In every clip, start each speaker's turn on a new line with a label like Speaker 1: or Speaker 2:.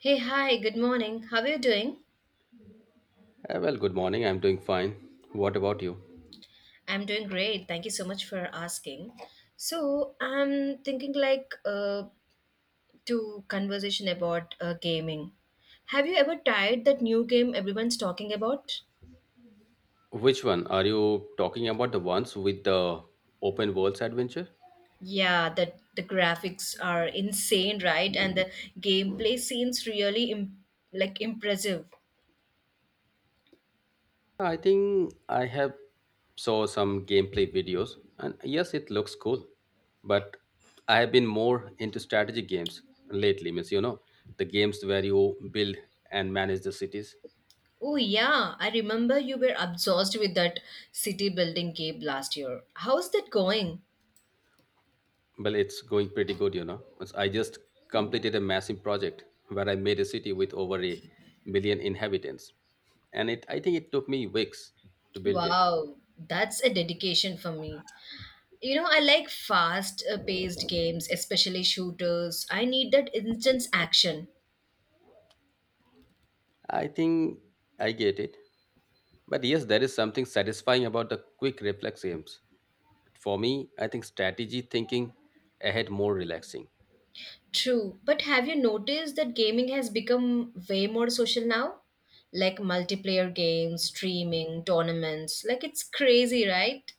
Speaker 1: Hey, hi, good morning. How are you doing?
Speaker 2: Good morning. I'm doing fine. What about you?
Speaker 1: I'm doing great. Thank you so much for asking. So, I'm thinking like to conversation about gaming. Have you ever tried that new game everyone's talking about?
Speaker 2: Which one? Are you talking about the ones with the open worlds adventure?
Speaker 1: Yeah, that the graphics are insane, right? And the gameplay seems really like impressive.
Speaker 2: I think I have saw some gameplay videos, and yes, it looks cool. But I have been more into strategy games lately, means the games where you build and manage the cities.
Speaker 1: Oh yeah, I remember you were obsessed with that city building game last year. How's that going?
Speaker 2: Well, it's going pretty good, Once I just completed a massive project where I made a city with over a million inhabitants. And it I think it took me weeks to build it.
Speaker 1: Wow, that's a dedication for me. You know, I like fast paced games, especially shooters. I need that instant action.
Speaker 2: I think I get it. But yes, there is something satisfying about the quick reflex games. For me, I think strategy thinking ahead more relaxing.
Speaker 1: True, but have you noticed that gaming has become way more social now? Like multiplayer games, streaming, tournaments. Like it's crazy, right?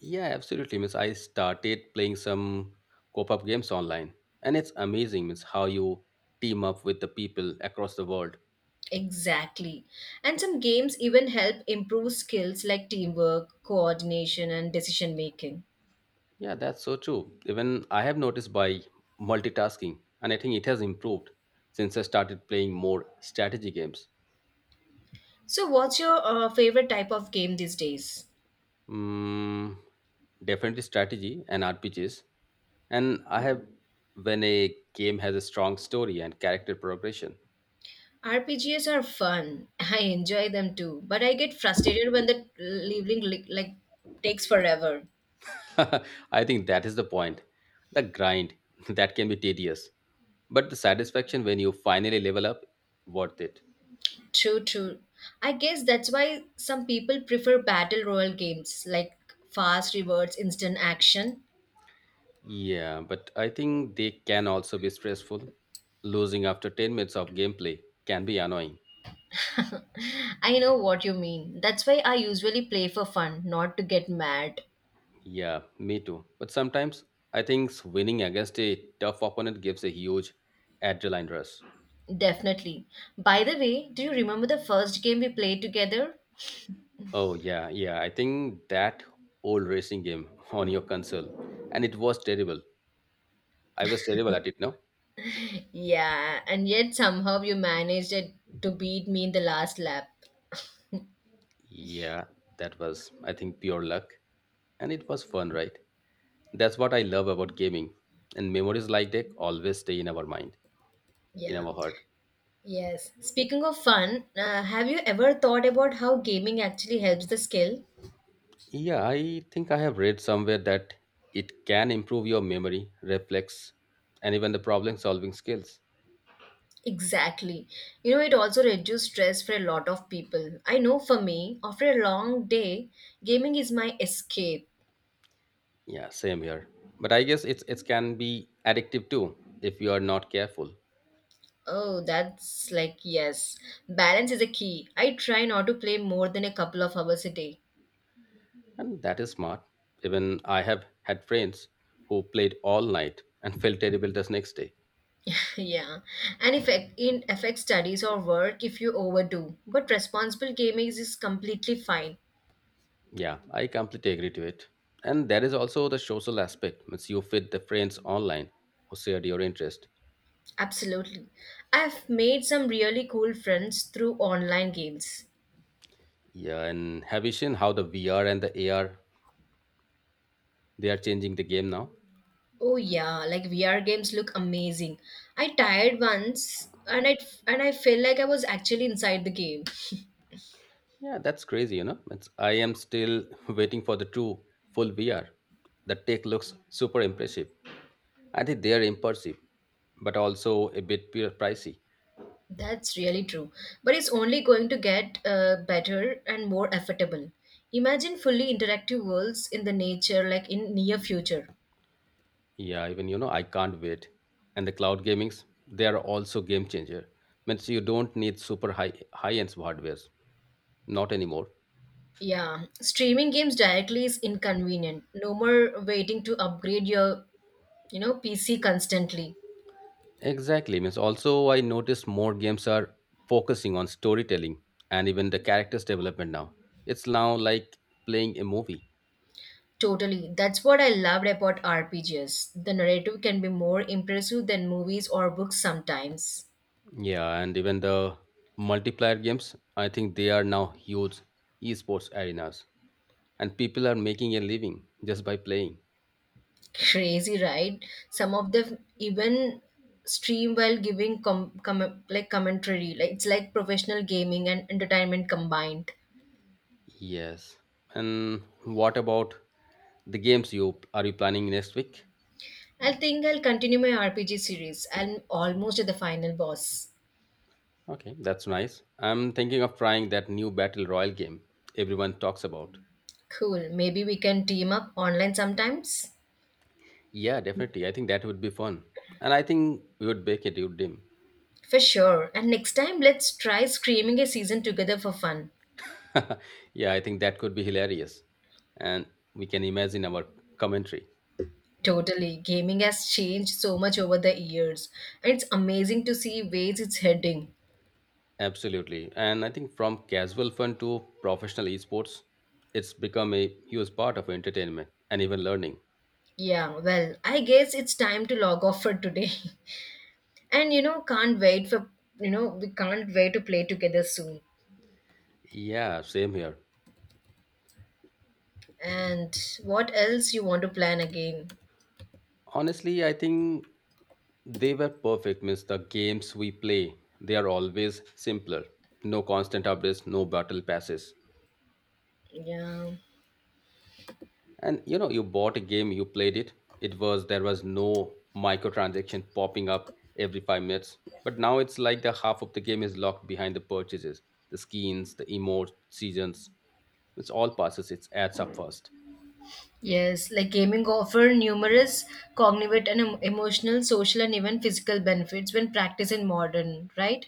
Speaker 2: Yeah, absolutely. Means I started playing some co-op games online. And it's amazing means how you team up with the people across the world.
Speaker 1: Exactly. And some games even help improve skills like teamwork, coordination, and decision making.
Speaker 2: Yeah, that's so true. Even I have noticed by multitasking, and I think it has improved since I started playing more strategy games.
Speaker 1: So, what's your favorite type of game these days?
Speaker 2: Mm, definitely strategy and RPGs. And I have, when a game has a strong story and character progression,
Speaker 1: RPGs are fun. I enjoy them too, but I get frustrated when the leveling like takes forever.
Speaker 2: I think that is the point. The grind that can be tedious, but the satisfaction when you finally level up, worth it.
Speaker 1: True, true. I guess that's why some people prefer battle royale games like fast rewards, instant action.
Speaker 2: Yeah, but I think they can also be stressful. Losing after 10 minutes of gameplay can be annoying.
Speaker 1: I know what you mean. That's why I usually play for fun, not to get mad.
Speaker 2: Yeah, me too. But sometimes I think winning against a tough opponent gives a huge adrenaline rush.
Speaker 1: Definitely. By the way, do you remember the first game we played together?
Speaker 2: Oh, yeah, yeah. I think that old racing game on your console, and it was terrible. I was terrible at it, no?
Speaker 1: Yeah, and yet somehow you managed it to beat me in the last lap.
Speaker 2: Yeah, that was, I think, pure luck. And it was fun, right? That's what I love about gaming. And memories like that always stay in our mind, in
Speaker 1: Yeah.
Speaker 2: our heart.
Speaker 1: Yes. Speaking of fun, have you ever thought about how gaming actually helps the skill?
Speaker 2: Yeah, I think I have read somewhere that it can improve your memory, reflex, and even the problem solving skills.
Speaker 1: Exactly. You know, it also reduces stress for a lot of people. I know for me, after a long day, gaming is my escape.
Speaker 2: Yeah, same here. But I guess it can be addictive too if you are not careful.
Speaker 1: Oh, that's like, yes. Balance is a key. I try not to play more than a couple of hours a day.
Speaker 2: And that is smart. Even I have had friends who played all night and felt terrible the next day.
Speaker 1: Yeah, and if in affects studies or work if you overdo, but responsible gaming is completely fine.
Speaker 2: Yeah, I completely agree to it. And there is also the social aspect. Means you fit the friends online who shared your interest.
Speaker 1: Absolutely. I've made some really cool friends through online games.
Speaker 2: Yeah, and have you seen how the VR and the AR, they are changing the game now?
Speaker 1: Oh yeah, like VR games look amazing. I tried once and I felt like I was actually inside the game.
Speaker 2: Yeah, that's crazy. I am still waiting for the true full VR. The tech looks super impressive. I think they are impressive, but also a bit pure pricey.
Speaker 1: That's really true. But it's only going to get better and more affordable. Imagine fully interactive worlds in the nature like in near future.
Speaker 2: Yeah, even you know I can't wait. And the cloud gamings, they are also game changer. Means you don't need super high end hardwares, not anymore.
Speaker 1: Yeah, streaming games directly is inconvenient. No more waiting to upgrade your, you know, PC constantly.
Speaker 2: Exactly. Means also I notice more games are focusing on storytelling and even the characters development now. It's now like playing a movie.
Speaker 1: Totally. That's what I loved about RPGs. The narrative can be more impressive than movies or books sometimes.
Speaker 2: Yeah, and even the multiplayer games, I think they are now huge esports arenas, and people are making a living just by playing.
Speaker 1: Crazy, right? Some of them even stream while giving like commentary. Like it's like professional gaming and entertainment combined.
Speaker 2: Yes. And what about the games you are you planning next week?
Speaker 1: I think I'll continue my RPG series. I'm almost at the final boss.
Speaker 2: Okay, that's nice. I'm thinking of trying that new battle royale game everyone talks about.
Speaker 1: Cool. Maybe we can team up online sometimes.
Speaker 2: Yeah, definitely. I think that would be fun. And I think we would make it, you dim.
Speaker 1: For sure. And next time, let's try screaming a season together for fun.
Speaker 2: Yeah, I think that could be hilarious. And we can imagine our commentary.
Speaker 1: Totally. Gaming has changed so much over the years, and it's amazing to see ways it's heading.
Speaker 2: Absolutely. And I think from casual fun to professional esports, it's become a huge part of entertainment and even learning.
Speaker 1: Yeah, well, I guess it's time to log off for today. And you know, can't wait for, we can't wait to play together soon.
Speaker 2: Yeah, same here.
Speaker 1: And what else you want to plan again?
Speaker 2: Honestly, I think they were perfect. Means the games we play, they are always simpler. No constant updates, no battle passes.
Speaker 1: Yeah.
Speaker 2: And you know, you bought a game, you played it. It was There was no microtransaction popping up every 5 minutes. But now it's like the half of the game is locked behind the purchases, the skins, the emotes, seasons, it's all passes, it adds up first.
Speaker 1: Yes, like gaming offer numerous cognitive and emotional, social, and even physical benefits when practiced in modern, right?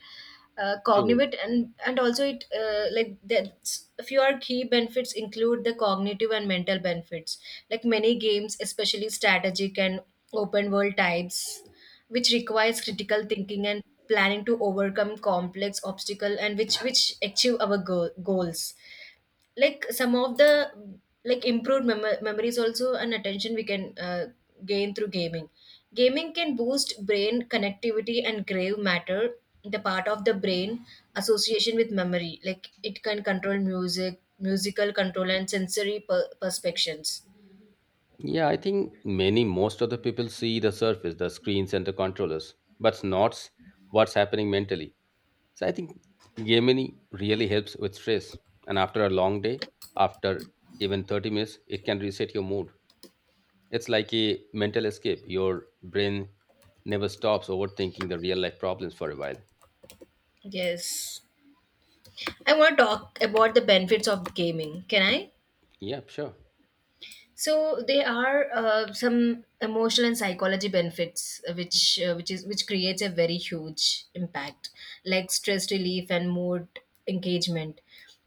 Speaker 2: True.
Speaker 1: Cognitive and also it like that's a few are key benefits include the cognitive and mental benefits. Like many games, especially strategic and open world types, which requires critical thinking and planning to overcome complex obstacle and which achieve our goals like some of the like improved memories also and attention we can gain through gaming gaming can boost brain connectivity and grave matter the part of the brain association with memory like it can control music musical control and sensory perceptions.
Speaker 2: Yeah, I think many most of the people see the surface, the screens and the controllers, but not what's happening mentally. So I think gaming really helps with stress. And after a long day, after even 30 minutes it can reset your mood. It's like a mental escape. Your brain never stops overthinking the real life problems for a while.
Speaker 1: Yes, I want to talk about the benefits of gaming, can I?
Speaker 2: Yeah, sure.
Speaker 1: So there are some emotional and psychology benefits, which creates a very huge impact, like stress relief and mood engagement.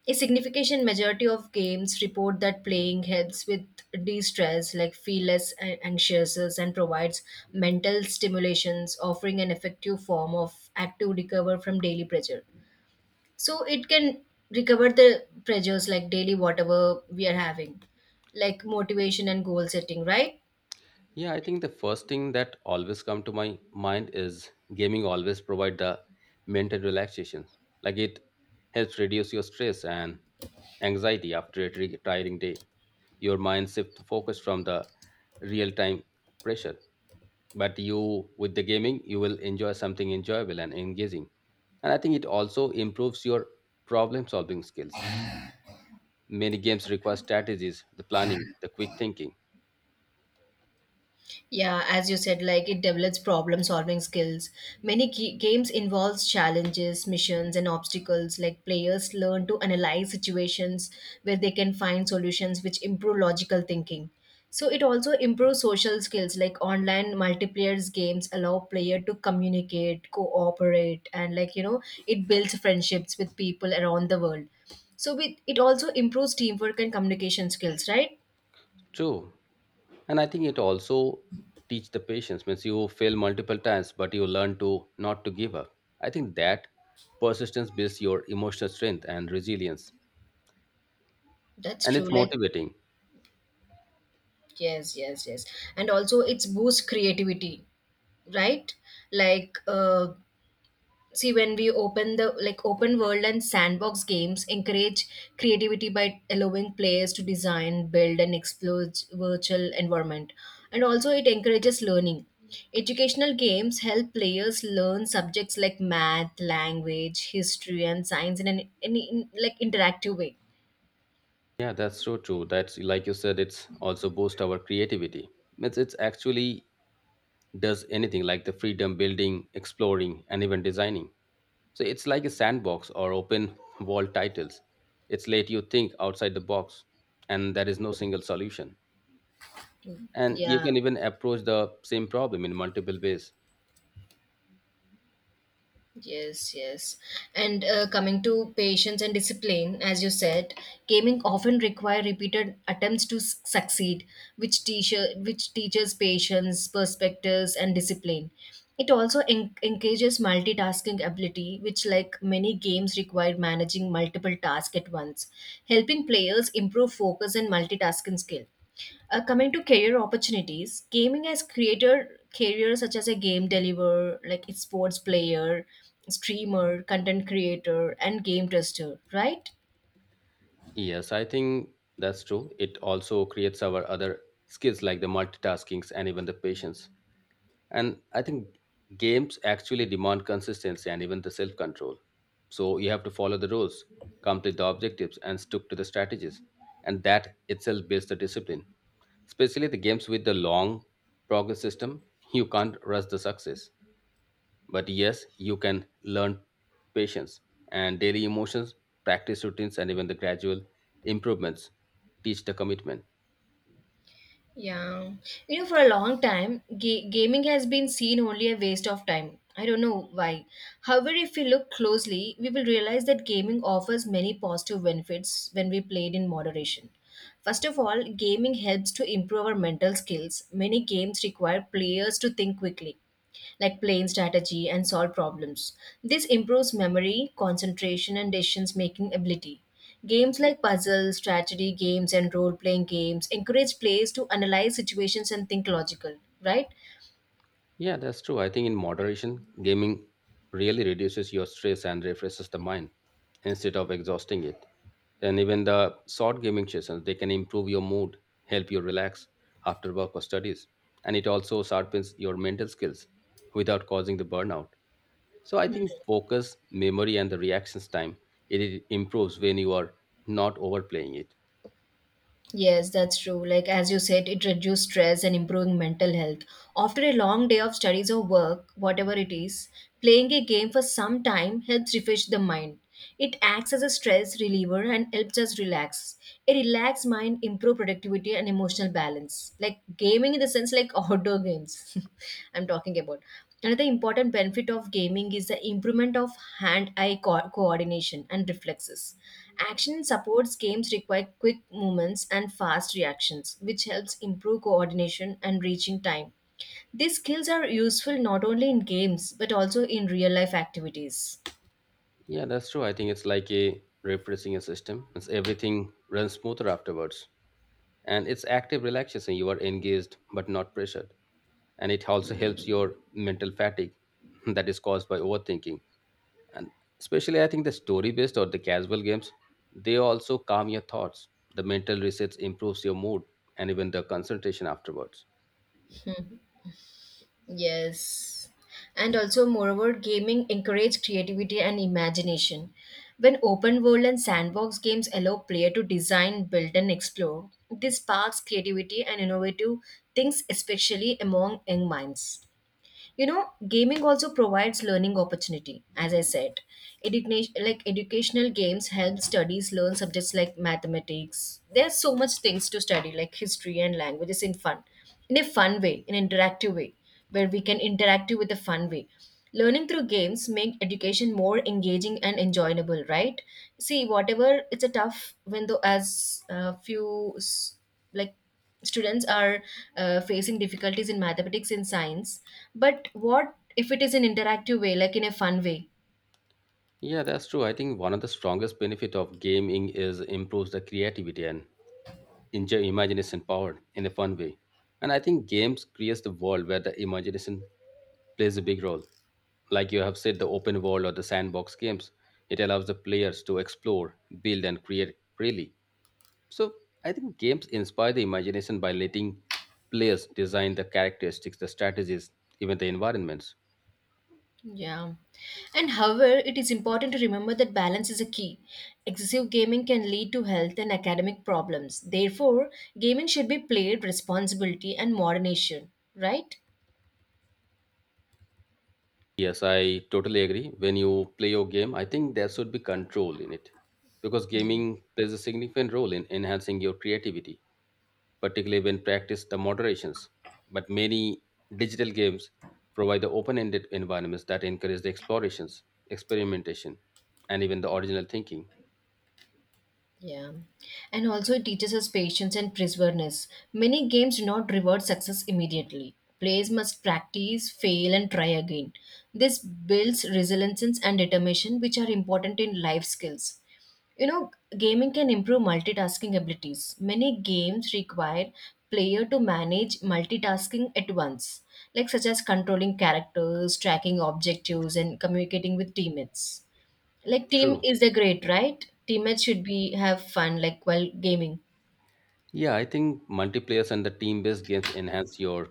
Speaker 1: A significant majority of games report that playing helps with de-stress, like feel less anxious, and provides mental stimulations, offering an effective form of active recover from daily pressure so it can recover the pressures like daily whatever we are having like motivation and goal setting, right?
Speaker 2: Yeah, I think the first thing that always come to my mind is gaming always provide the mental relaxation. Like it helps reduce your stress and anxiety after a tiring day. Your mind shift focus from the real time pressure. But you with the gaming, you will enjoy something enjoyable and engaging. And I think it also improves your problem solving skills. Many games require strategies, the planning, the quick thinking.
Speaker 1: Yeah, as you said, like it develops problem solving skills. Many games involves challenges, missions, and obstacles. Like players learn to analyze situations where they can find solutions which improve logical thinking. So it also improves social skills. Like online multiplayer games allow player to communicate, cooperate, and like it builds friendships with people around the world. So with, it also improves teamwork and communication skills, right?
Speaker 2: True, and I think it also teach the patience. Means you fail multiple times, but you learn to not to give up. I think that persistence builds your emotional strength and resilience,
Speaker 1: That's
Speaker 2: and
Speaker 1: true.
Speaker 2: it's
Speaker 1: Like,
Speaker 2: motivating.
Speaker 1: yes, yes, yes. And also it's boost creativity, right? Like see when we open the like open world and sandbox games encourage creativity by allowing players to design, build and explore virtual environment. And also it encourages learning. Educational games help players learn subjects like math, language, history and science in an in like interactive way.
Speaker 2: Yeah, that's so true. That's like you said, it's also boost our creativity. Means it's actually does anything like the freedom building, exploring and even designing. So it's like a sandbox or open wall titles, it's let you think outside the box, and there is no single solution, and you
Speaker 1: Yeah.
Speaker 2: can even approach the same problem in multiple ways.
Speaker 1: Yes, yes. And coming to patience and discipline, as you said, gaming often require repeated attempts to succeed, which teacher which teaches patience, perspectives, and discipline. It also encourages multitasking ability, which like many games require managing multiple tasks at once, helping players improve focus and multitasking skill. Coming to career opportunities, gaming has created careers such as a game deliverer, like a sports player, streamer, content creator, and game tester, right?
Speaker 2: Yes, I think that's true. It also creates our other skills like the multitaskings and even the patience. And I think games actually demand consistency and even the self control. So you have to follow the rules, complete the objectives and stick to the strategies, and that itself builds the discipline, especially the games with the long progress system. You can't rush the success. But yes, you can learn patience. And daily emotions, practice routines, and even the gradual improvements teach the commitment.
Speaker 1: Yeah. You know, for a long time, gaming has been seen only a waste of time. I don't know why. However, if we look closely, we will realize that gaming offers many positive benefits when we played in moderation. First of all, gaming helps to improve our mental skills. Many games require players to think quickly like playing strategy and solve problems. This improves memory, concentration, and decisions making ability. Games like puzzles, strategy games, and role playing games encourage players to analyze situations and think logical, right?
Speaker 2: Yeah, that's true. I think in moderation, gaming really reduces your stress and refreshes the mind instead of exhausting it. And even the short gaming sessions, they can improve your mood, help you relax after work or studies. And it also sharpens your mental skills without causing the burnout. So I think focus, memory, and the reactions time, it improves when you are not overplaying it.
Speaker 1: Yes, that's true. Like, as you said, it reduces stress and improving mental health. After a long day of studies or work, whatever it is, playing a game for some time helps refresh the mind. It acts as a stress reliever and helps us relax. A relaxed mind improve productivity and emotional balance. Like gaming in the sense like outdoor games I'm talking about. Another important benefit of gaming is the improvement of hand-eye coordination and reflexes. Action supports games require quick movements and fast reactions, which helps improve coordination and reaching time. These skills are useful not only in games but also in real life activities.
Speaker 2: Yeah, that's true. I think it's like a refreshing a system. It's everything runs smoother afterwards, and it's active relaxation. You are engaged but not pressured, and it also helps your mental fatigue that is caused by overthinking. And especially, I think the story-based or the casual games, they also calm your thoughts. The mental resets improves your mood and even the concentration afterwards.
Speaker 1: Yes. And also, moreover, gaming encourages creativity and imagination. When open world and sandbox games allow player to design, build, and explore, this sparks creativity and innovative things, especially among young minds. You know, gaming also provides learning opportunity as I said. Education, like educational games help studies learn subjects like mathematics, there's so much things to study like history and languages in fun in a fun way in an interactive way where we can interact with a fun way learning through games make education more engaging and enjoyable, right? See whatever it's a tough when though as like students are facing difficulties in mathematics and science but what if it is an interactive way like in a fun way.
Speaker 2: Yeah, that's true. I think one of the strongest benefit of gaming is improves the creativity and enjoy imagination power in a fun way. And I think games creates the world where the imagination plays a big role. Like you have said, the open world or the sandbox games, it allows the players to explore, build, and create freely. So I think games inspire the imagination by letting players design the characteristics, the strategies, even the environments.
Speaker 1: Yeah, and however it is important to remember that balance is a key, excessive gaming can lead to health and academic problems therefore gaming should be played with responsibility and moderation, right?
Speaker 2: Yes, I totally agree. When you play your game, I think there should be control in it, because gaming plays a significant role in enhancing your creativity, particularly when practiced the moderations. But many digital games provide the open-ended environments that encourage the explorations, experimentation, and even the original thinking.
Speaker 1: Yeah. And also it teaches us patience and perseverance. Many games do not reward success immediately. Players must practice, fail, and try again. This builds resilience and determination, which are important in life skills. You know, gaming can improve multitasking abilities. Many games require player to manage multitasking at once, like such as controlling characters, tracking objectives, and communicating with teammates. Like team
Speaker 2: True.
Speaker 1: is a great, right? Teammates should be have fun like while gaming.
Speaker 2: Yeah, I think multiplayers and the team based games enhance your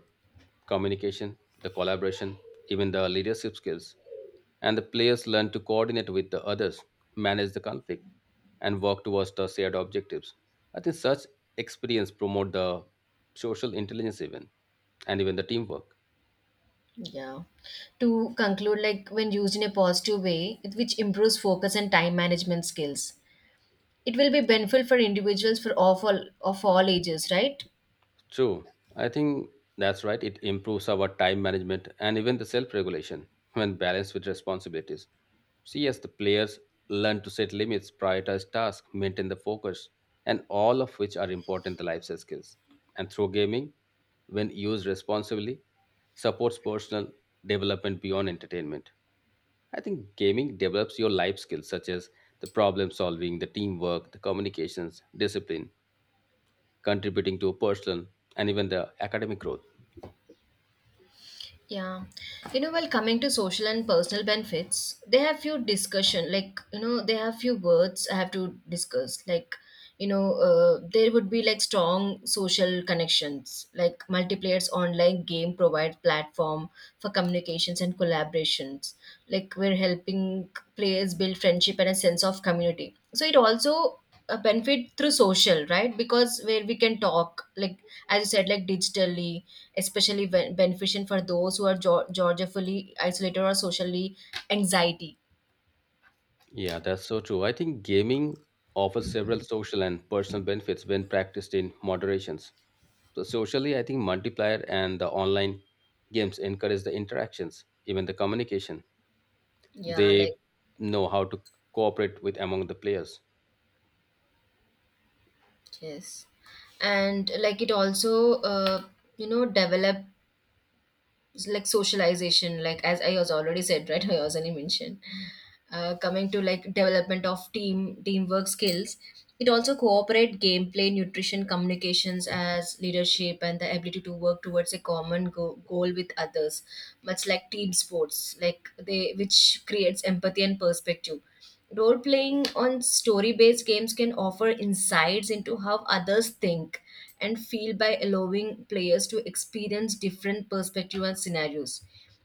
Speaker 2: communication, the collaboration, even the leadership skills. And the players learn to coordinate with the others, manage the conflict, and work towards the shared objectives. I think such experience promote the social intelligence even and even the teamwork.
Speaker 1: Yeah. To conclude, like when used in a positive way, it- which improves focus and time management skills. It will be beneficial for individuals for of all ages, right?
Speaker 2: True. I think that's right. It improves our time management and even the self regulation when balanced with responsibilities. See, as the players learn to set limits, prioritize tasks, maintain the focus, and all of which are important to life skills. And through gaming, when used responsibly, supports personal development beyond entertainment. I think gaming develops your life skills such as the problem solving, the teamwork, the communications, discipline, contributing to personal and even the academic growth.
Speaker 1: Yeah. You know, while coming to social and personal benefits, they have few discussion, like, you know, they have few words I have to discuss. Like, you know, there would be like strong social connections, like multiplayer's online game provide platform for communications and collaborations. Like we're helping players build friendship and a sense of community. So it also a benefit through social, right? Because where we can talk, like as you said, like digitally, especially beneficial for those who are geographically isolated or socially anxiety.
Speaker 2: Yeah, that's so true. I think gaming offers several social and personal benefits when practiced in moderations. So socially, I think multiplier and the online games encourage the interactions, even the communication.
Speaker 1: Yeah, like
Speaker 2: They know how to cooperate with among the players.
Speaker 1: yes. And like it also you know, develop like socialization, like as I was already said, right? I was already mentioned coming to like development of teamwork skills. It also cooperate gameplay nutrition communications as leadership and the ability to work towards a common goal with others, much like team sports like they, which creates empathy and perspective. Role playing on story based games can offer insights into how others think and feel by allowing players to experience different perspectives and scenarios.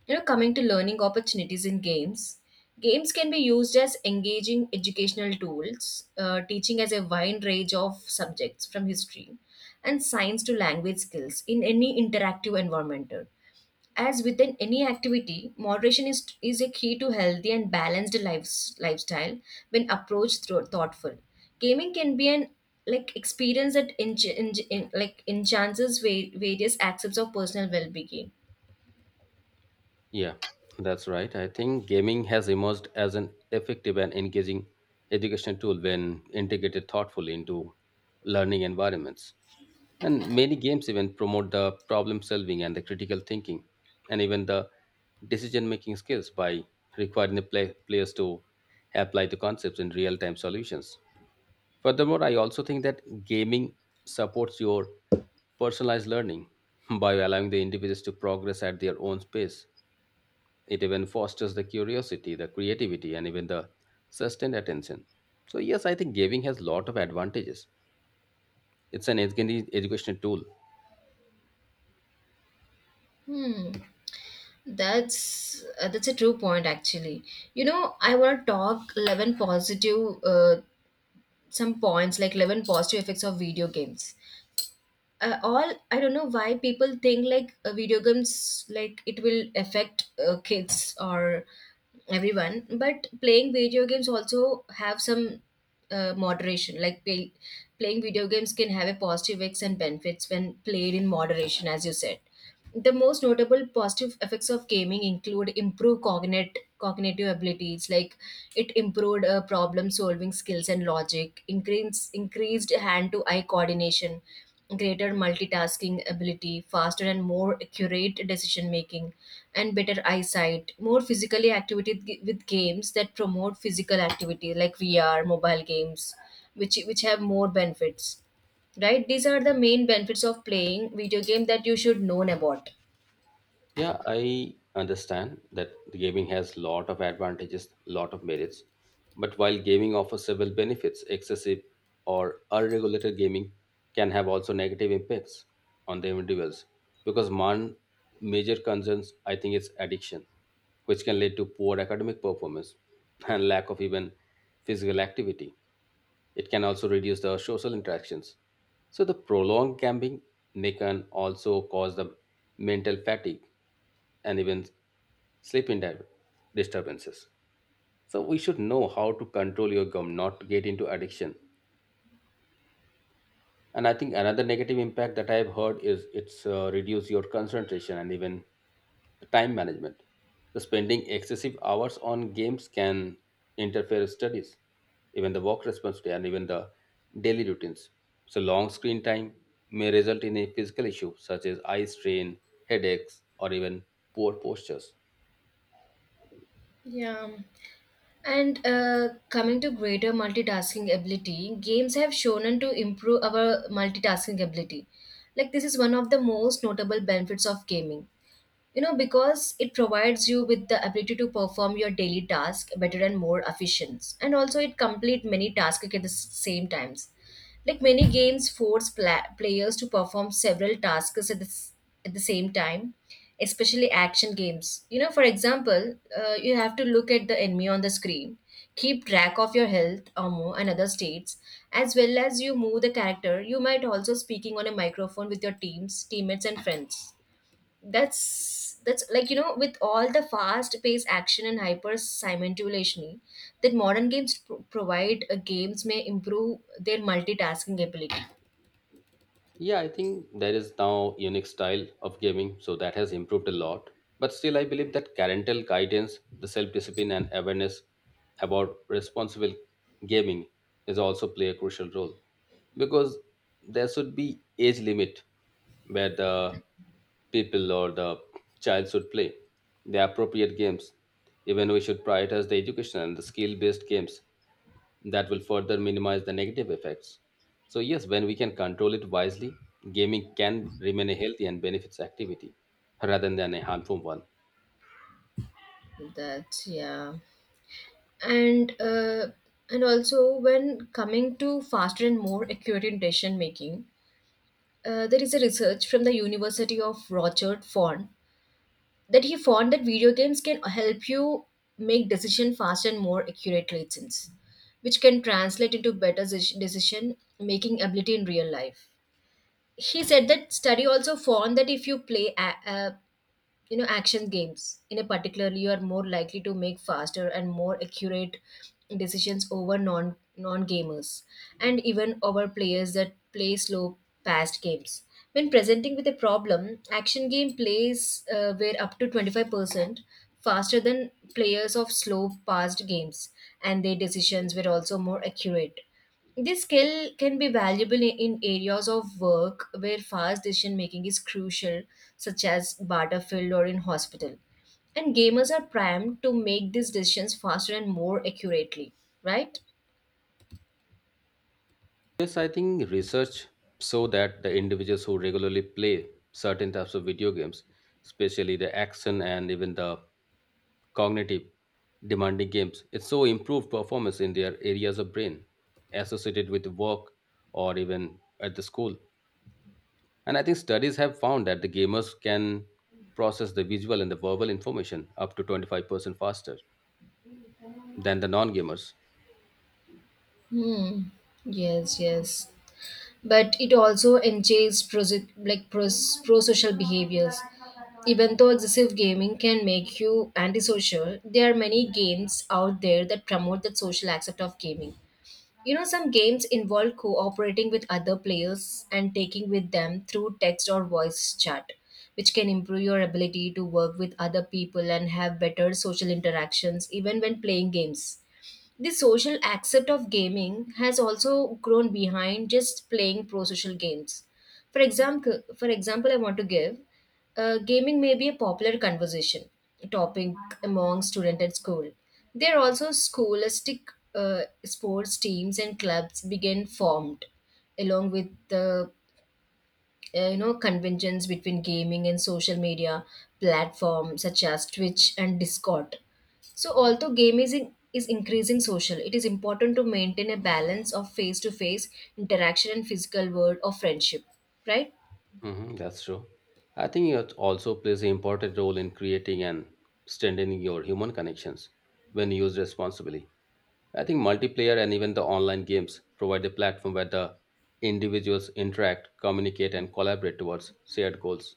Speaker 1: You know, coming to learning opportunities in games, games can be used as engaging educational tools, teaching as a wide range of subjects from history and science to language skills in any interactive environment. As within any activity, moderation is a key to healthy and balanced lifestyle when approached through thoughtful. Gaming can be an like experience that like enhances various aspects of personal well-being.
Speaker 2: Yeah, that's right. I think gaming has emerged as an effective and engaging education tool when integrated thoughtfully into learning environments. And many games even promote the problem solving and the critical thinking and even the decision making skills by requiring the players to apply the concepts in real time solutions. Furthermore, I also think that gaming supports your personalized learning by allowing the individuals to progress at their own pace. It even fosters the curiosity, the creativity, and even the sustained attention. So, yes, I think gaming has lot of advantages. It's an educational tool.
Speaker 1: Hmm, that's a true point actually. You know, I want to talk 11 positive some points like 11 positive effects of video games. All, I don't know why people think like video games like it will affect kids or everyone, but playing video games also have some moderation. Like playing video games can have a positive effects and benefits when played in moderation, as you said. The most notable positive effects of gaming include improved cognitive abilities, like it improved problem solving skills and logic, increased hand to eye coordination, greater multitasking ability, faster and more accurate decision making, and better eyesight. More physically activity with games that promote physical activity, like VR, mobile games, which have more benefits, right? These are the main benefits of playing video game that you should know about.
Speaker 2: Yeah, I understand that the gaming has lot of advantages, lot of merits. But while gaming offers several benefits, excessive or unregulated gaming can have also negative impacts on the individuals. Because one major concerns, I think, is addiction, which can lead to poor academic performance and lack of even physical activity. It can also reduce the social interactions. So the prolonged gambling may can also cause the mental fatigue and even sleeping disturbances. So we should know how to control your gum, not to get into addiction. And I think another negative impact that I've heard is it's reduce your concentration and even the time management. So spending excessive hours on games can interfere with studies, even the work responsibility, and even the daily routines. So long screen time may result in a physical issue such as eye strain, headaches, or even poor postures.
Speaker 1: Yeah, and coming to greater multitasking ability, games have shown to improve our multitasking ability. Like this is one of the most notable benefits of gaming, you know, because it provides you with the ability to perform your daily task better and more efficient, and also it complete many tasks at the same times. Like many games force players to perform several tasks at at the same time, especially action games. You know, for example, you have to look at the enemy on the screen, keep track of your health ammo and other states, as well as you move the character. You might also speaking on a microphone with your teams teammates and friends. That's like, you know, with all the fast paced action and hyper simultaneously that modern games provide, games may improve their multitasking ability.
Speaker 2: Yeah, I think there is now unique style of gaming, so that has improved a lot. But still, I believe that parental guidance, the self-discipline, and awareness about responsible gaming is also play a crucial role, because there should be age limit where the people or the child should play the appropriate games. Even we should prioritize the education and the skill-based games that will further minimize the negative effects. So, yes, when we can control it wisely, gaming can remain a healthy and benefits activity rather than a harmful one.
Speaker 1: That's, yeah. And also when coming to faster and more accurate decision making, there is a research from the university of rochard font, that he found that video games can help you make decision faster and more accurately, since which can translate into better decision making ability in real life. He said that study also found that if you play you know, action games in a particular, you are more likely to make faster and more accurate decisions over non gamers, and even over players that play slow past games. When presenting with a problem, action game plays were up to 25% faster than players of slow past games, and their decisions were also more accurate. This skill can be valuable in areas of work where fast decision making is crucial, such as battlefield or in hospital. And gamers are primed to make these decisions faster and more accurately, right?
Speaker 2: Yes, I think research show that the individuals who regularly play certain types of video games, especially the action and even the cognitive demanding games, it show improved performance in their areas of brain associated with work or even at the school. And I think studies have found that the gamers can process the visual and the verbal information up to 25% faster than the non gamers.
Speaker 1: Hmm. Yes. But it also engages pro like pro social behaviors. Even though excessive gaming can make you antisocial, there are many games out there that promote the social aspect of gaming. You know, some games involve cooperating with other players and taking with them through text or voice chat, which can improve your ability to work with other people and have better social interactions even when playing games. The social accept of gaming has also grown behind just playing pro social games. For example, I want to give gaming may be a popular conversation topic among students at school. There are also scholastic sports teams and clubs begin formed, along with the you know, conventions between gaming and social media platforms such as Twitch and Discord. So although gaming is increasing social, it is important to maintain a balance of face-to-face interaction and physical world of friendship, right?
Speaker 2: Hmm, that's true. I think it also plays an important role in creating and strengthening your human connections when used responsibly. I think multiplayer and even the online games provide a platform where the individuals interact, communicate, and collaborate towards shared goals.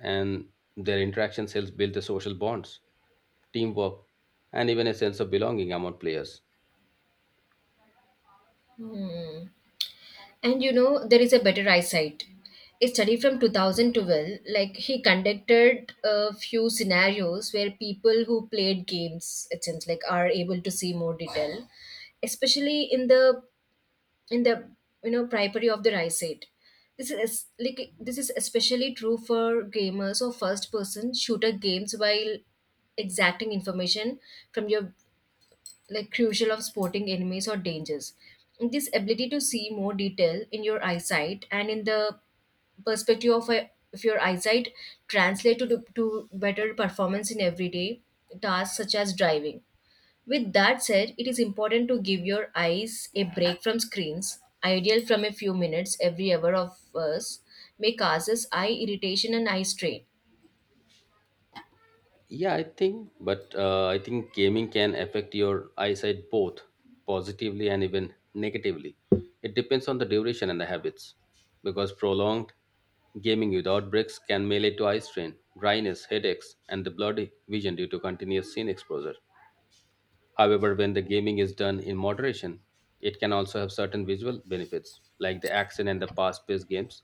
Speaker 2: And their interactions helps build the social bonds, teamwork, and even a sense of belonging among players.
Speaker 1: Hmm. And you know, there is a better eyesight. A study from 2012, like he conducted a few scenarios where people who played games, it seems like, are able to see more detail, especially in the, you know, periphery of the eyesight. This is especially true for gamers or first person shooter games while exacting information from your like crucial of spotting enemies or dangers. This ability to see more detail in your eyesight and in the perspective of, a, of your eyesight translate to better performance in everyday tasks such as driving. With that said, it is important to give your eyes a break from screens, ideal from a few minutes every hour of us, may causes eye irritation and eye strain.
Speaker 2: Yeah, I think, but I think gaming can affect your eyesight both positively and even negatively. It depends on the duration and the habits, because prolonged gaming without breaks can may lead to eye strain, dryness, headaches, and the blurry vision due to continuous scene exposure. However, when the gaming is done in moderation, it can also have certain visual benefits, like the action and the fast-paced games.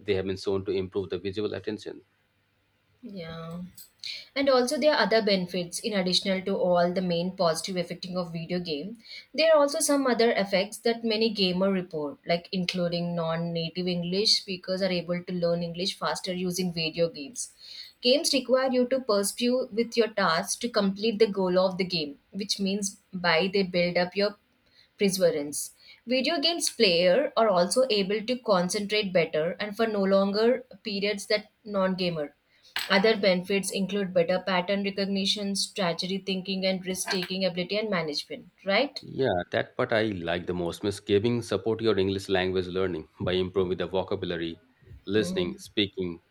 Speaker 2: They have been shown to improve the visual attention.
Speaker 1: Yeah. And also there are other benefits in additional to all the main positive effecting of video game. There are also some other effects that many gamer report, like including non-native English speakers are able to learn English faster using video games. Games require you to pursue with your tasks to complete the goal of the game, which means by they build up your perseverance. Video games player are also able to concentrate better and for no longer periods that non-gamer. Other benefits include better pattern recognition, strategy thinking, and risk-taking ability and management. Right?
Speaker 2: Yeah, that part I like the most. Miss giving support your English language learning by improving the vocabulary,
Speaker 1: Mm.
Speaker 2: listening, speaking,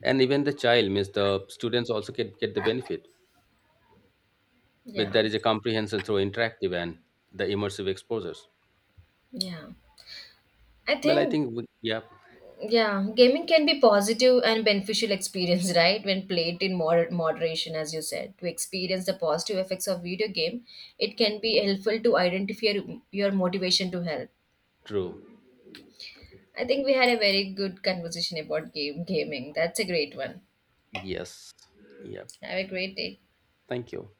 Speaker 2: and even the child, means the students also get the benefit. But
Speaker 1: Yeah,
Speaker 2: there is a comprehension through interactive and the immersive exposures.
Speaker 1: yeah. I
Speaker 2: Well, I
Speaker 1: think
Speaker 2: think, yeah,
Speaker 1: yeah, gaming can be positive and beneficial experience, right? When played in moderation, as you said, to experience the positive effects of video game, it can be helpful to identify your motivation to help.
Speaker 2: true.
Speaker 1: I think we had a very good conversation about game gaming. That's a great one.
Speaker 2: Yes. Yeah.
Speaker 1: Have a great day.
Speaker 2: Thank you.